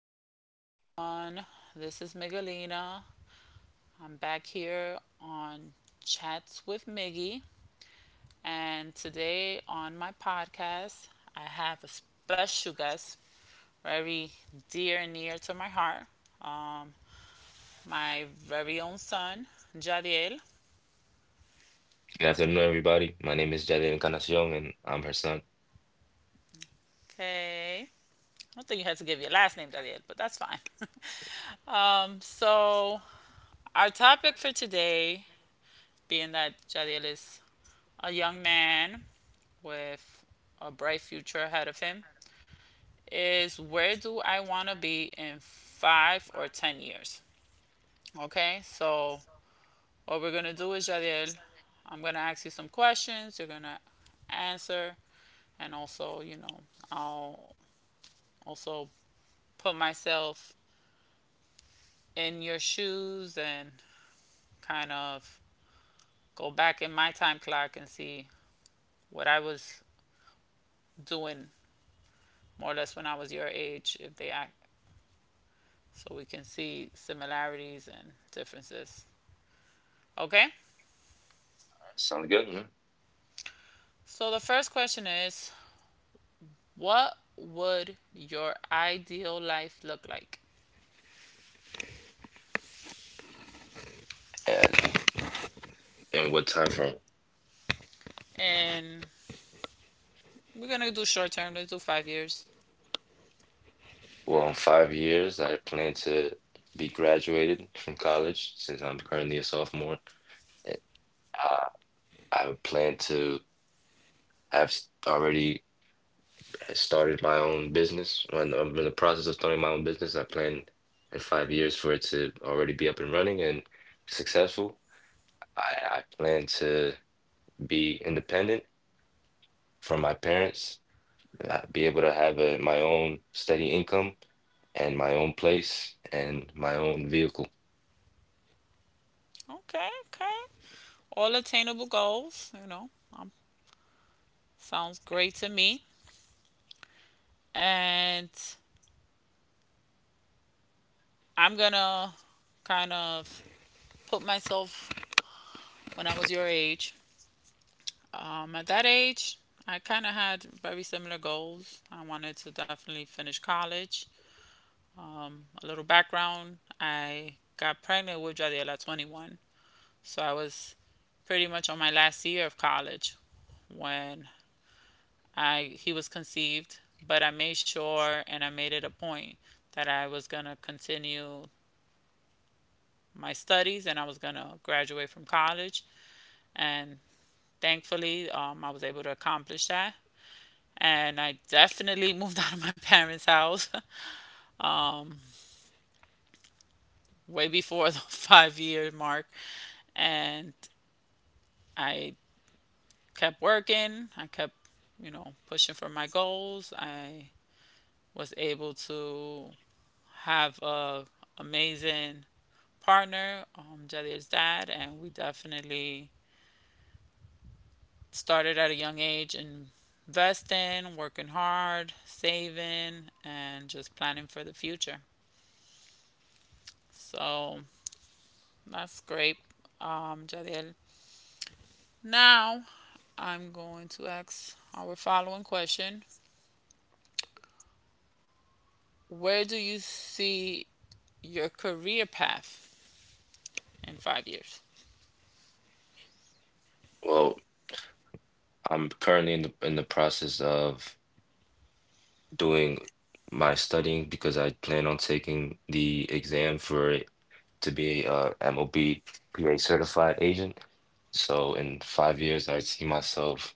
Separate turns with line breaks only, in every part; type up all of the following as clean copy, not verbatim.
afternoon, everyone. This is Miguelina. I'm back here on Chats with Miggy. And today on my podcast, I have a special guest, very dear and near to my heart. Um, my very own son, Jadiel.
Good afternoon, everybody. My name is Jedi Encarnacion, and I'm her son.
Okay. I don't think you had to give your last name, Jadiel, but that's fine. um, so, our topic for today, being that Jadiel is a young man with a bright future ahead of him, is, where do I want to be in five or 10 years? Okay, so what we're going to do is, Jadiel, I'm going to ask you some questions. You're going to answer. And also, you know, I'll also put myself in your shoes and kind of go back in my time clock and see what I was doing more or less when I was your age, if they act, so we can see similarities and differences. Okay?
Sounds good, man.
So the first question is, what would your ideal life look like?
And in what time frame?
And we're going to do short term, let's do 5 years.
Well, in 5 years, I plan to be graduated from college since I'm currently a sophomore. And, Uh, I plan to already started my own business. I'm in the process of starting my own business. I plan in 5 years for it to already be up and running and successful. I plan to be independent from my parents, be able to have my own steady income and my own place and my own vehicle.
Okay, okay. All attainable goals, you know, um, sounds great to me. And I'm going to kind of put myself when I was your age. At that age, I kind of had very similar goals. I wanted to definitely finish college. A little background: I got pregnant with Jadiel at 21. So I was pretty much on my last year of college when I he was conceived, but I made sure and I made it a point that I was going to continue my studies and I was going to graduate from college. And thankfully, I was able to accomplish that. And I definitely moved out of my parents' house way before the 5 year mark. And I kept working, I kept, you know, pushing for my goals. I was able to have a amazing partner, Jadir's dad, and we definitely started at a young age investing, working hard, saving, and just planning for the future. So that's great, Jadiel. Now, I'm going to ask our following question. Where do you see your career path in 5 years?
Well, I'm currently in the process of doing my studying because I plan on taking the exam for it to be a MOB PA certified agent. So in 5 years, I see myself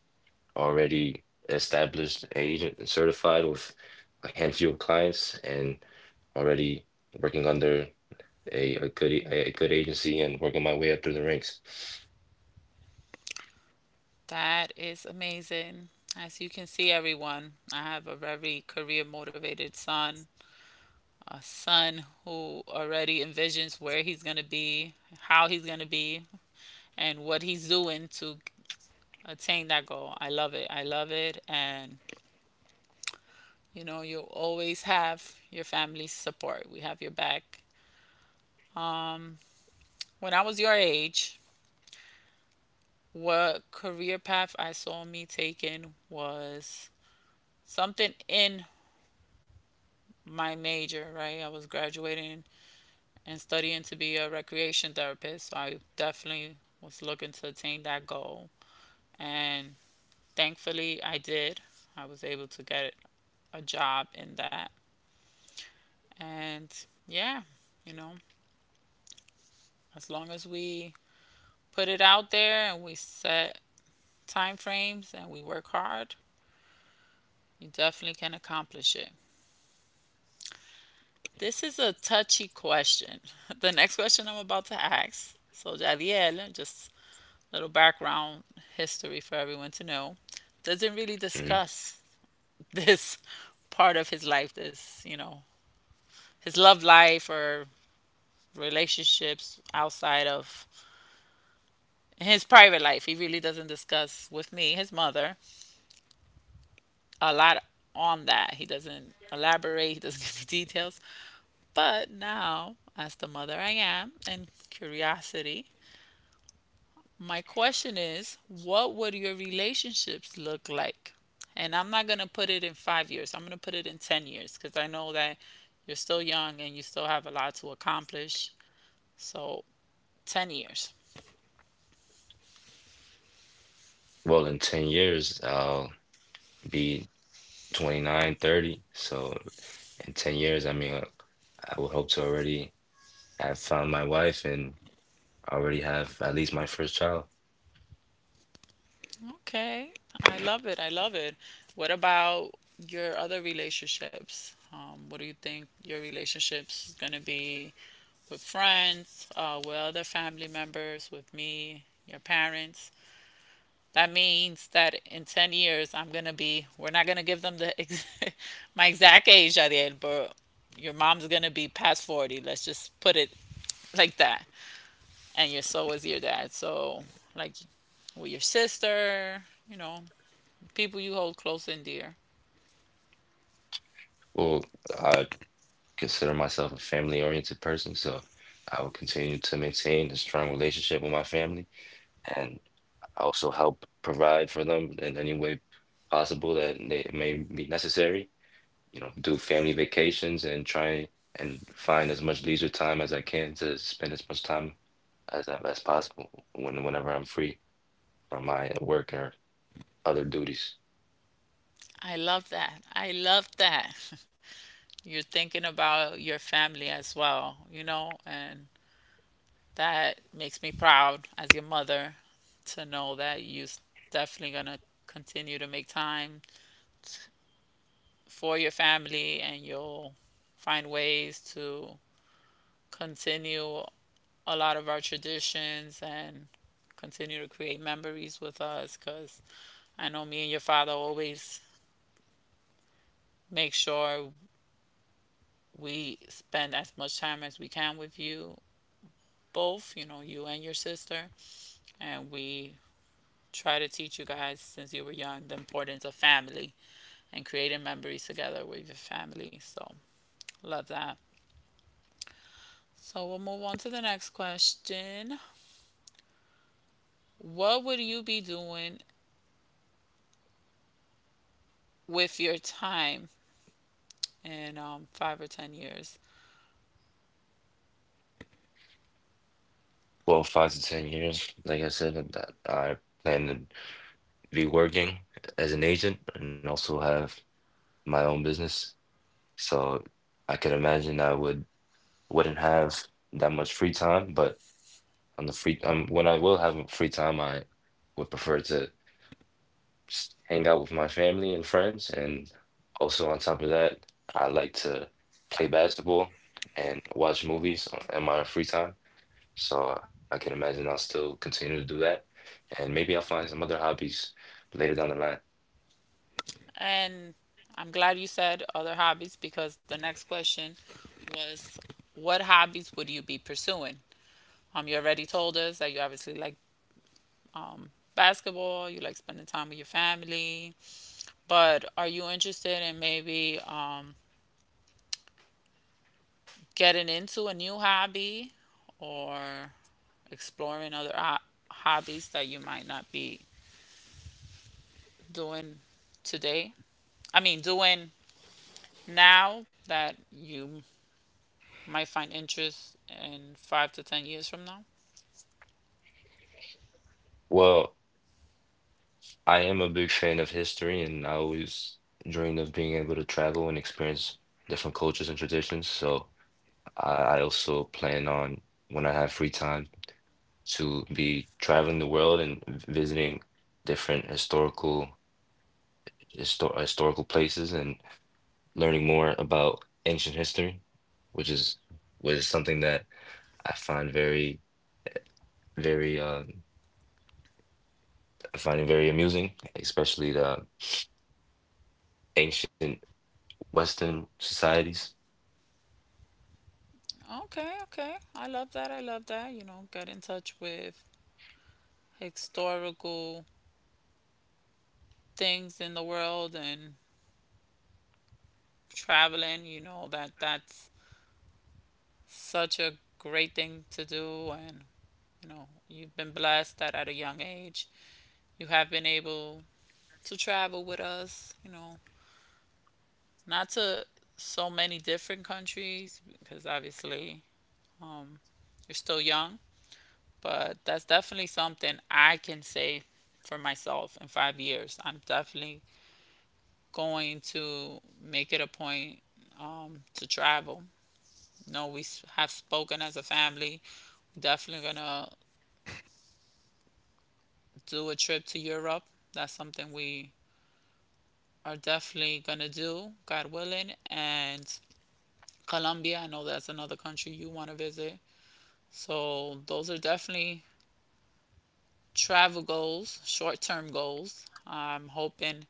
already established agent and certified with a handful of clients and already working under a good a good agency and working my way up through the ranks.
That is amazing. As you can see, everyone, I have a very career motivated son, a son who already envisions where he's going to be, how he's going to be, and what he's doing to attain that goal. I love it. I love it. And you know, you always have your family's support. We have your back. When I was your age, what career path I saw me taking was something in my major, right? I was graduating and studying to be a recreation therapist, so I definitely was looking to attain that goal. And thankfully, I did. I was able to get a job in that. And yeah, you know, as long as we put it out there and we set time frames and we work hard, you definitely can accomplish it. This is a touchy question. The next question I'm about to ask. So, Jadiel, just a little background history for everyone to know, doesn't really
Mhm.
discuss this part of his life, this, you know, his love life or relationships outside of his private life. He really doesn't discuss with me, his mother, a lot on that. He doesn't elaborate, he doesn't give me details. But now, as the mother I am, and curiosity, my question is, what would your relationships look like? And I'm not going to put it in 5 years. I'm going to put it in 10 years because I know that you're still young and you still have a lot to accomplish. So, 10 years.
Well, in 10 years, I'll be 29, 30. So in 10 years, I would hope to already have found my wife and already have at least my first child.
Okay. I love it. I love it. What about your other relationships? What do you think your relationships is going to be with friends, with other family members, with me, your parents? That means that in 10 years, I'm going to be, we're not going to give them the my exact age, Ariel, but your mom's going to be past 40. Let's just put it like that. And your so is your dad. So, like, with your sister, you know, people you hold close and dear.
Well, I consider myself a family-oriented person, so I will continue to maintain a strong relationship with my family and also help provide for them in any way possible that they may be necessary. You know, do family vacations and try and find as much leisure time as I can to spend as much time as possible when whenever I'm free from my work or other duties.
I love that. I love that. You're thinking about your family as well, you know, and that makes me proud as your mother to know that you're definitely going to continue to make time for your family and you'll find ways to continue a lot of our traditions and continue to create memories with us because I know me and your father always make sure we spend as much time as we can with you both, you know, you and your sister. And we try to teach you guys since you were young the importance of family and creating memories together with your family. So, love that. So, we'll move on to the next question. What would you be doing with your time in five or 10 years?
Well, 5 to 10 years, like I said, that I plan to be working as an agent and also have my own business. So I could imagine I would wouldn't have that much free time, but on the free when I will have free time, I would prefer to hang out with my family and friends. And also on top of that, I like to play basketball and watch movies in my free time. So I can imagine I'll still continue to do that. And maybe I'll find some other hobbies later down the line.
And I'm glad you said other hobbies because the next question was, what hobbies would you be pursuing? You already told us that you obviously like um, basketball, you like spending time with your family, but are you interested in maybe getting into a new hobby or exploring hobbies that you might not be doing today. I mean, doing now, that you might find interest in 5 to 10 years from now.
Well, I am a big fan of history and I always dreamed of being able to travel and experience different cultures and traditions. So I also plan on when I have free time to be traveling the world and visiting different historical places and learning more about ancient history, which is something that I find very I find it very amusing, especially the ancient Western societies.
Okay, okay. I love that. I love that. You know, get in touch with historical things in the world and traveling, you know, that that's such a great thing to do, and you know, you've been blessed that at a young age you have been able to travel with us, you know, not to so many different countries because obviously um, you're still young, but that's definitely something I can say for myself in 5 years. I'm definitely going to make it a point to travel. No, we have spoken as a family. We're definitely gonna do a trip to Europe. That's something we are definitely gonna do, God willing, and Colombia, I know that's another country you want to visit. So those are definitely travel goals, short-term goals. I'm hoping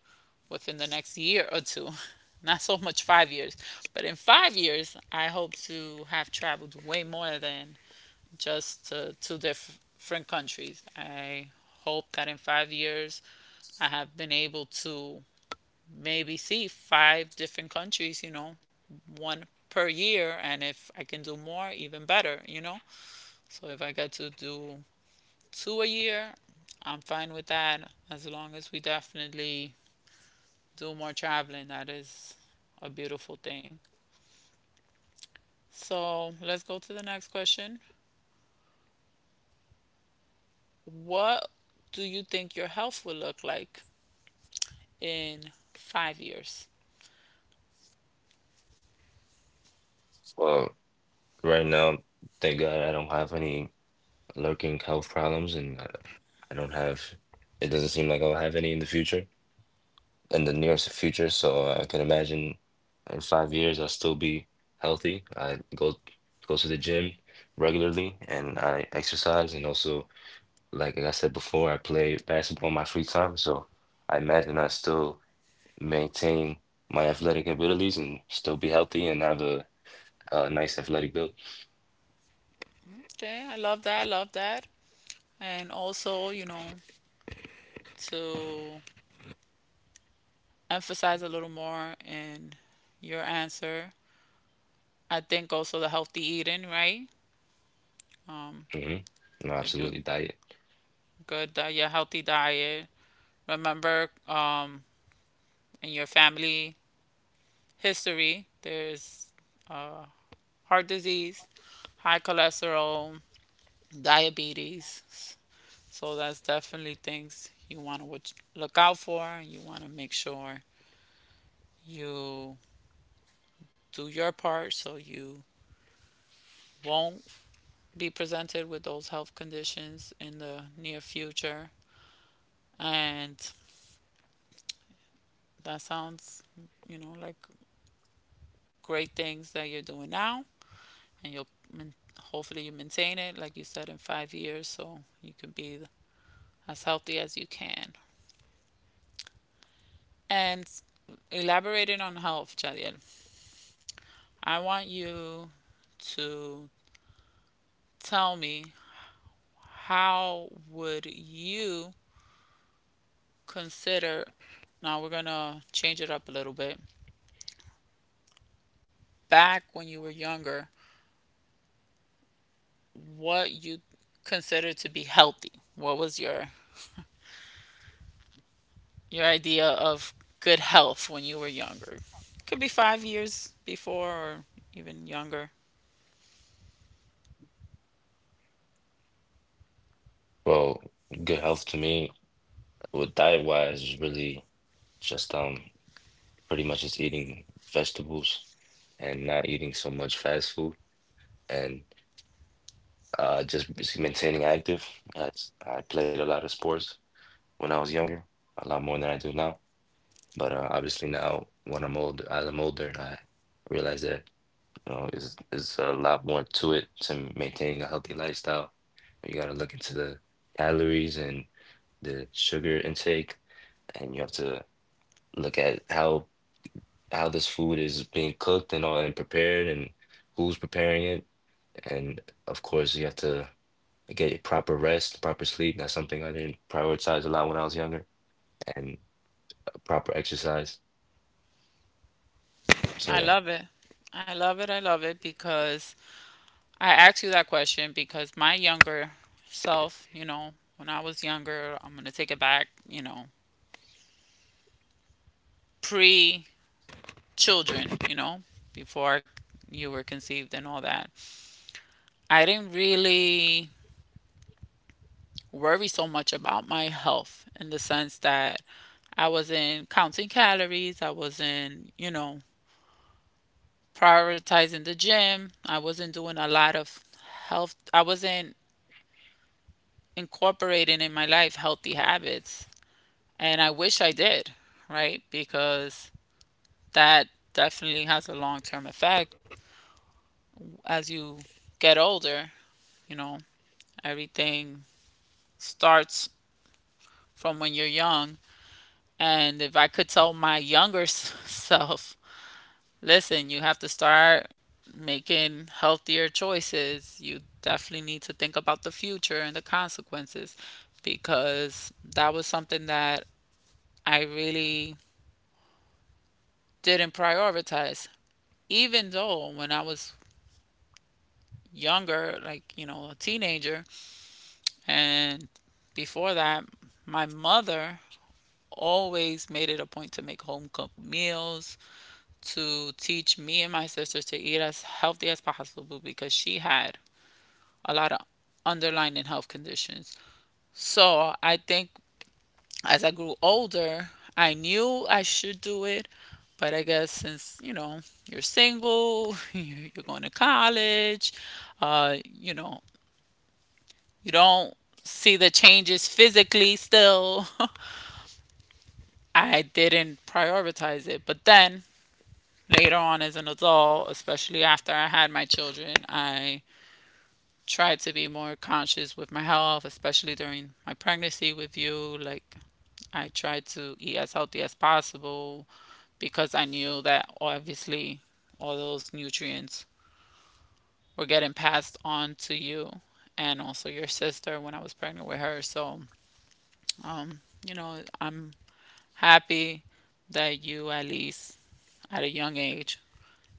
within the next year or two. Not so much 5 years, but in 5 years I hope to have traveled way more than just to two different countries. I hope that in 5 years I have been able to maybe see five different countries, you know, one per year. And if I can do more, even better, you know? So if I get to do two a year, I'm fine with that as long as we definitely do more traveling. That is a beautiful thing. So let's go to the next question. What do you think your health will look like in 5 years?
Well, right now, thank God I don't have any lurking health problems, and I don't have. it doesn't seem like I'll have any in the future, in the nearest future. So I can imagine in 5 years I'll still be healthy. I go to the gym regularly and I exercise and also like I said before, I play basketball in my free time. So I imagine I still maintain my athletic abilities and still be healthy and have a nice athletic build.
Okay, I love that. I love that. And also, you know, to emphasize a little more in your answer. I think also the healthy eating, right? Um,
Hmm. No,
if you
absolutely diet.
your healthy diet, remember, in your family history, there's heart disease, high cholesterol, diabetes. So that's definitely things you want to look out for. You want to make sure you do your part so you won't be presented with those health conditions in the near future. And that sounds, you know, like great things that you're doing now. And you'll main- hopefully you maintain it, like you said, in 5 years so you can be as healthy as you can. And elaborating on health, Jadiel, I want you to tell me, how would you consider, now we're gonna change it up a little bit. Back when you were younger, what you considered to be healthy? What was your idea of good health when you were younger. Could be 5 years before or even younger.
Well, good health to me with diet wise is really just pretty much just eating vegetables and not eating so much fast food and, maintaining active. That's, I played a lot of sports when I was younger, a lot more than I do now. But obviously now, as I'm older, I realize that, you know, is a lot more to it to maintaining a healthy lifestyle. You got to look into the calories and the sugar intake, and you have to look at how this food is being cooked and all and prepared and who's preparing it. And of course, you have to get your proper rest, proper sleep. That's something I didn't prioritize a lot when I was younger, and proper exercise. So
I
yeah.
love it. I love it. I love it because I asked you that question because my younger self, you know, when I was younger, I'm going to take it back, you know, pre children, you know, before you were conceived and all that. I didn't really worry so much about my health in the sense that I wasn't counting calories, I wasn't, you know, prioritizing the gym. I wasn't doing a lot of health, I wasn't incorporating in my life healthy habits. And I wish I did, right? Because that definitely has a long term effect. As you get older, you know, everything starts from when you're young. And if I could tell my younger self, listen, you have to start making healthier choices. You definitely need to think about the future and the consequences because that was something that I really didn't prioritize. Even though when I was younger, like, you know, a teenager, and before that, my mother always made it a point to make home cooked meals, to teach me and my sisters to eat as healthy as possible because she had a lot of underlying health conditions. So I think as I grew older, I knew I should do it. But I guess since, you know, you're single, you're going to college, you know, you don't see the changes physically still. I didn't prioritize it. But then later on as an adult, especially after I had my children, I tried to be more conscious with my health, especially during my pregnancy with you. Like I tried to eat as healthy as possible because I knew that obviously all those nutrients were getting passed on to you and also your sister when I was pregnant with her. So, um, you know, I'm happy that you at least at a young age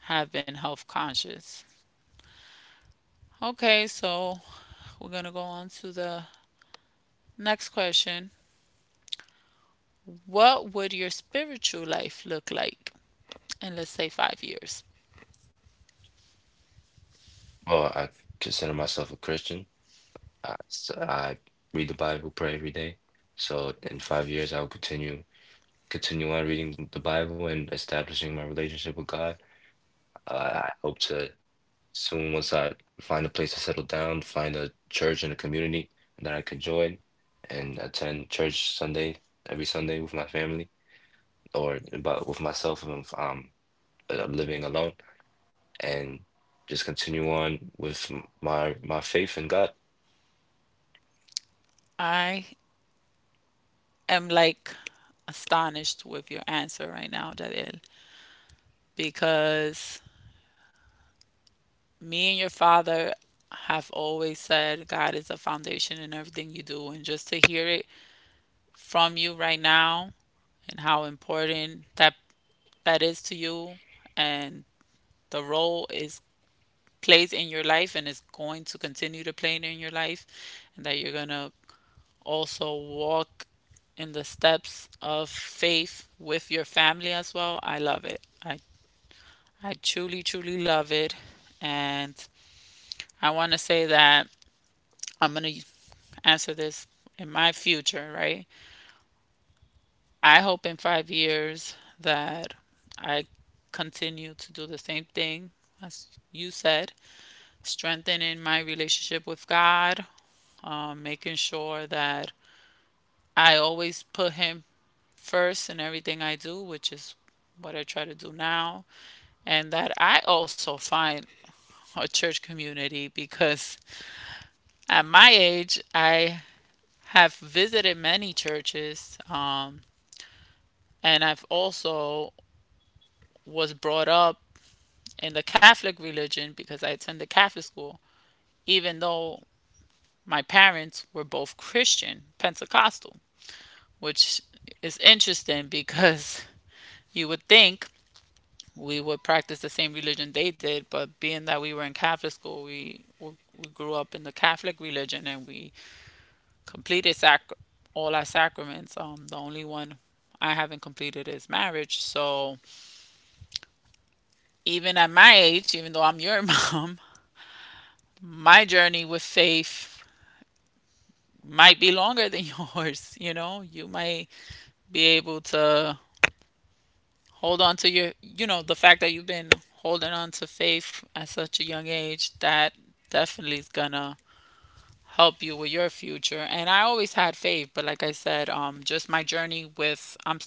have been health conscious. Okay, so we're going to go on to the next question. What would your spiritual life look like in, let's say, 5 years?
Well, I consider myself a Christian. So I read the Bible, pray every day. So in 5 years, I will continue on reading the Bible and establishing my relationship with God. Uh, I hope to. Soon, once I find a place to settle down, find a church in the community that I can join and attend church Sunday, every Sunday with my family or but with myself if I'm, living alone and just continue on with my my faith in God.
I am like astonished with your answer right now, Jadiel, because me and your father have always said God is the foundation in everything you do, and just to hear it from you right now and how important that is to you and the role is plays in your life and is going to continue to play in your life and that you're going to also walk in the steps of faith with your family as well. I love it. I truly, truly love it. And I want to say that I'm going to answer this in my future, right? I hope in 5 years that I continue to do the same thing as you said, strengthening my relationship with God, making sure that I always put Him first in everything I do, which is what I try to do now, and that I also find a church community, because at my age, I have visited many churches, and I've also was brought up in the Catholic religion because I attended Catholic school, even though my parents were both Christian, Pentecostal, which is interesting because you would think we would practice the same religion they did, but being that we were in Catholic school, we grew up in the Catholic religion and we completed sac all our sacraments. The only one I haven't completed is marriage. So even at my age, even though I'm your mom, my journey with faith might be longer than yours. You know, you might be able to hold on to your, you know, the fact that you've been holding on to faith at such a young age. That definitely is gonna help you with your future. And I always had faith, but like I said, just my journey with I'm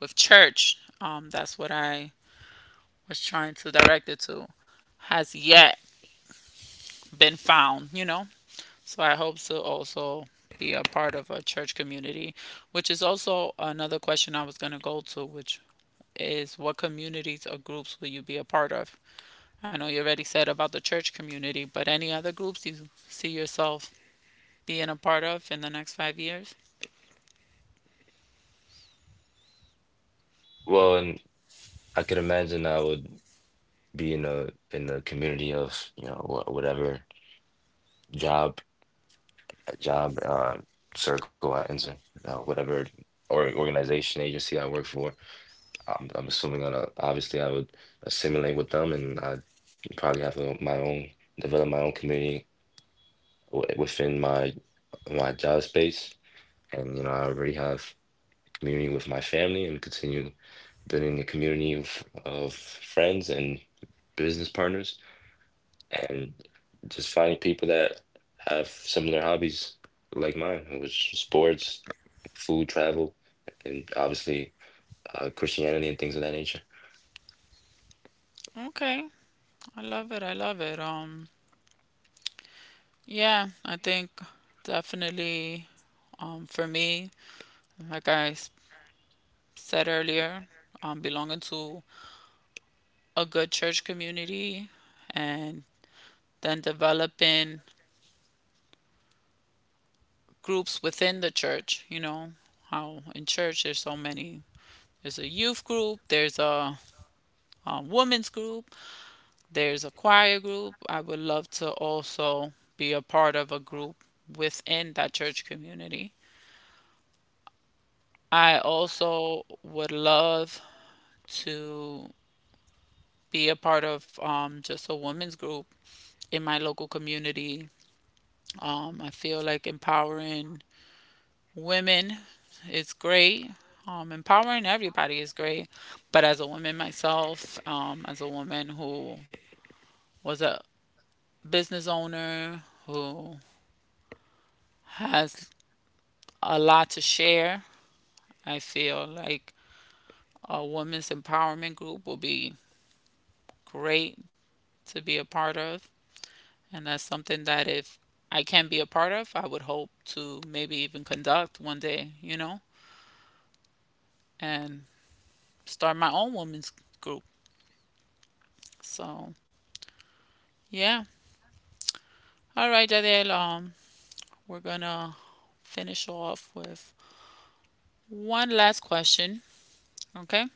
with church, that's what I was trying to direct it to, has yet been found, you know? So I hope to also be a part of a church community, which is also another question I was going to go to, which is, what communities or groups will you be a part of? I know you already said about the church community, but any other groups you see yourself being a part of in the next 5 years?
Well, and I could imagine I would be in a community of, you know, wh whatever job job circle I enter, whatever or organization agency I work for. I'm assuming that, obviously I would assimilate with them, and I'd probably have a, my own develop my own community w within my my job space, and you know I already have community with my family, and continue building a community of friends and business partners, and just finding people that have similar hobbies like mine, which is sports, food, travel, and obviously, Christianity and things of that nature.
Okay, I love it. I love it. Yeah, I think definitely for me, like said earlier, belonging to a good church community and then developing groups within the church, you know, how in church there's so many. There's a youth group, there's a, women's group, there's a choir group. I would love to also be a part of a group within that church community. I also would love to be a part of just a women's group in my local community. I feel like empowering women is great. Empowering everybody is great. But as a woman myself, as a woman who was a business owner, who has a lot to share, I feel like a women's empowerment group will be great to be a part of. And that's something that if I can be a part of, I would hope to maybe even conduct one day, you know? And start my own women's group. So, yeah. All right, Jadiel, we're gonna finish off with one last question, okay?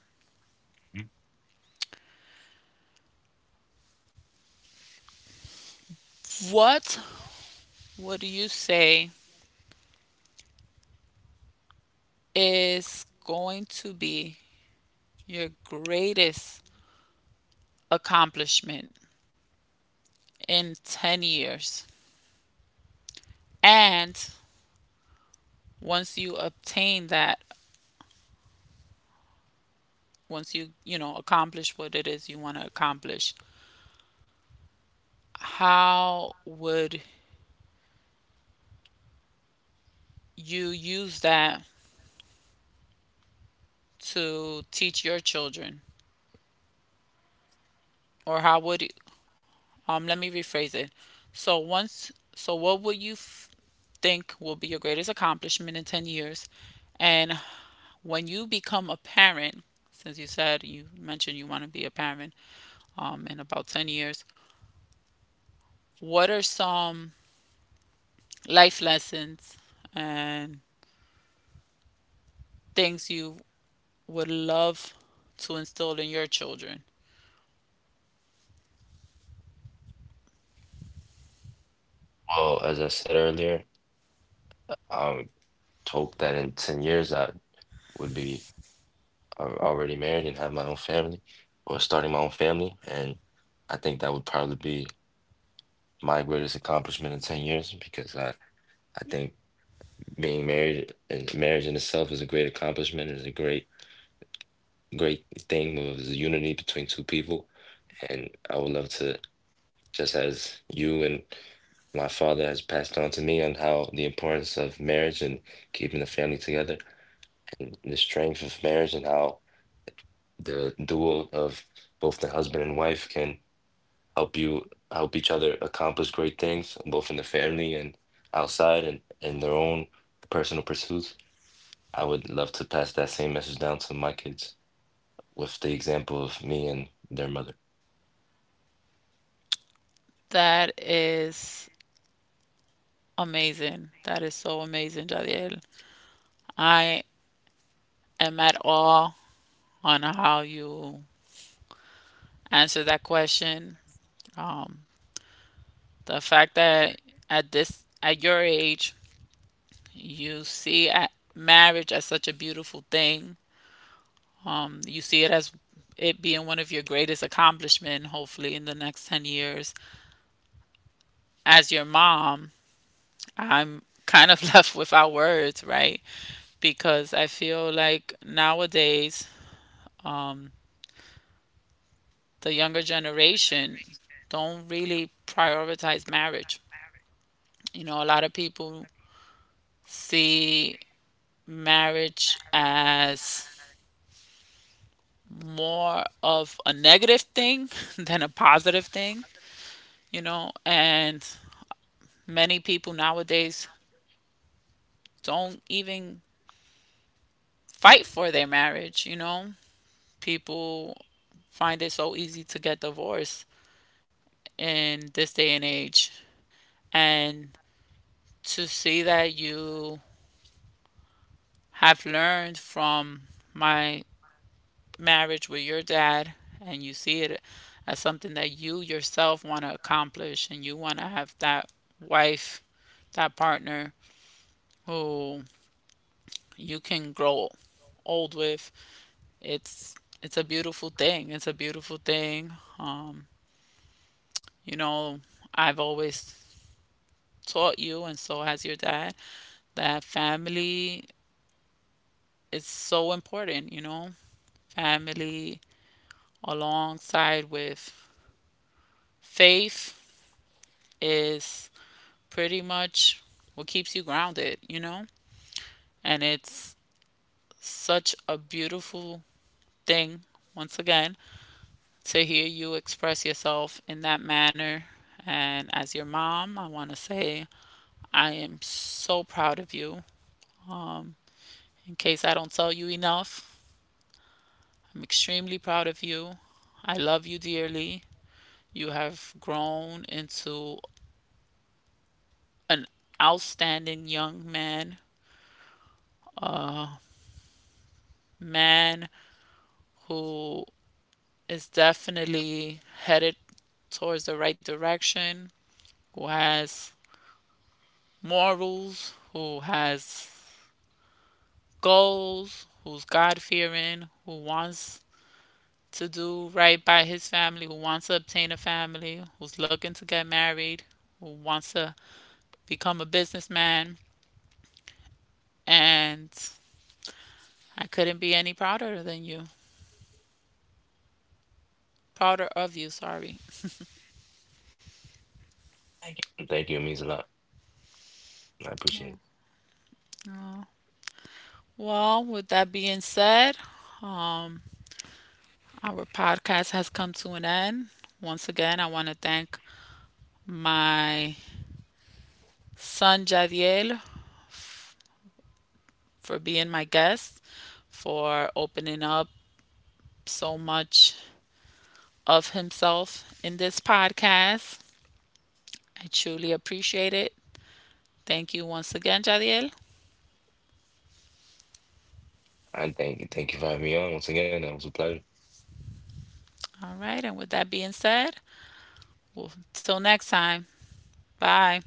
What would you say is going to be your greatest accomplishment in 10 years? And once you obtain that, once you, you know, accomplish what it is you want to accomplish, how would you use that to teach your children? Or how would you, let me rephrase it. So once so what would think will be your greatest accomplishment in 10 years, and when you become a parent, since you said, you mentioned you want to be a parent, in about 10 years, what are some life lessons and things you would love to instill in your children?
Well, as I said earlier, I hope that in 10 years I would be already married and have my own family or starting my own family. And I think that would probably be my greatest accomplishment in 10 years because I think being married and marriage in itself is a great accomplishment, is a great, great thing of the unity between two people. And I would love to, just as you and my father has passed on to me on how the importance of marriage and keeping the family together, the strength of marriage and how the duo of both the husband and wife can help you help each other accomplish great things, both in the family and outside and in their own personal pursuits. I would love to pass that same message down to my kids with the example of me and their mother.
That is amazing. That is so amazing, Jadiel. I am at all on how you answer that question. Um, the fact that at this at your age, you see at marriage as such a beautiful thing. You see it as it being one of your greatest accomplishments. Hopefully, in the next 10 years, as your mom, I'm kind of left without words, right? Because I feel like nowadays, um, the younger generation don't really prioritize marriage. You know, a lot of people see marriage as more of a negative thing than a positive thing, you know, and many people nowadays don't even fight for their marriage, you know. People find it so easy to get divorced in this day and age. And to see that you have learned from my marriage with your dad and you see it as something that you yourself want to accomplish, and you want to have that wife, that partner who you can grow old with, it's it's a beautiful thing. It's a beautiful thing. Um, you know, I've always taught you and so has your dad that family is so important, you know. Family alongside with faith is pretty much what keeps you grounded, you know? And it's such a beautiful thing, once again, to hear you express yourself in that manner. And as your mom, I want to say I am so proud of you. In case I don't tell you enough, I'm extremely proud of you. I love you dearly. You have grown into an outstanding young man who is definitely headed towards the right direction, who has morals, who has goals, who's God fearing, who wants to do right by his family, who wants to obtain a family, who's looking to get married, who wants to become a businessman. And I couldn't be any prouder than you. Prouder of you, sorry.
Thank you. Thank you. It means a lot. I appreciate it.
Uh, Well, with that being said, um. Our podcast has come to an end. Once again, I want to thank my son Jadiel for being my guest, for opening up so much of himself in this podcast. I truly appreciate it. Thank you once again, Jadiel.
And thank you for having me on once again. That was a pleasure.
All right, and with that being said, well, till next time, bye.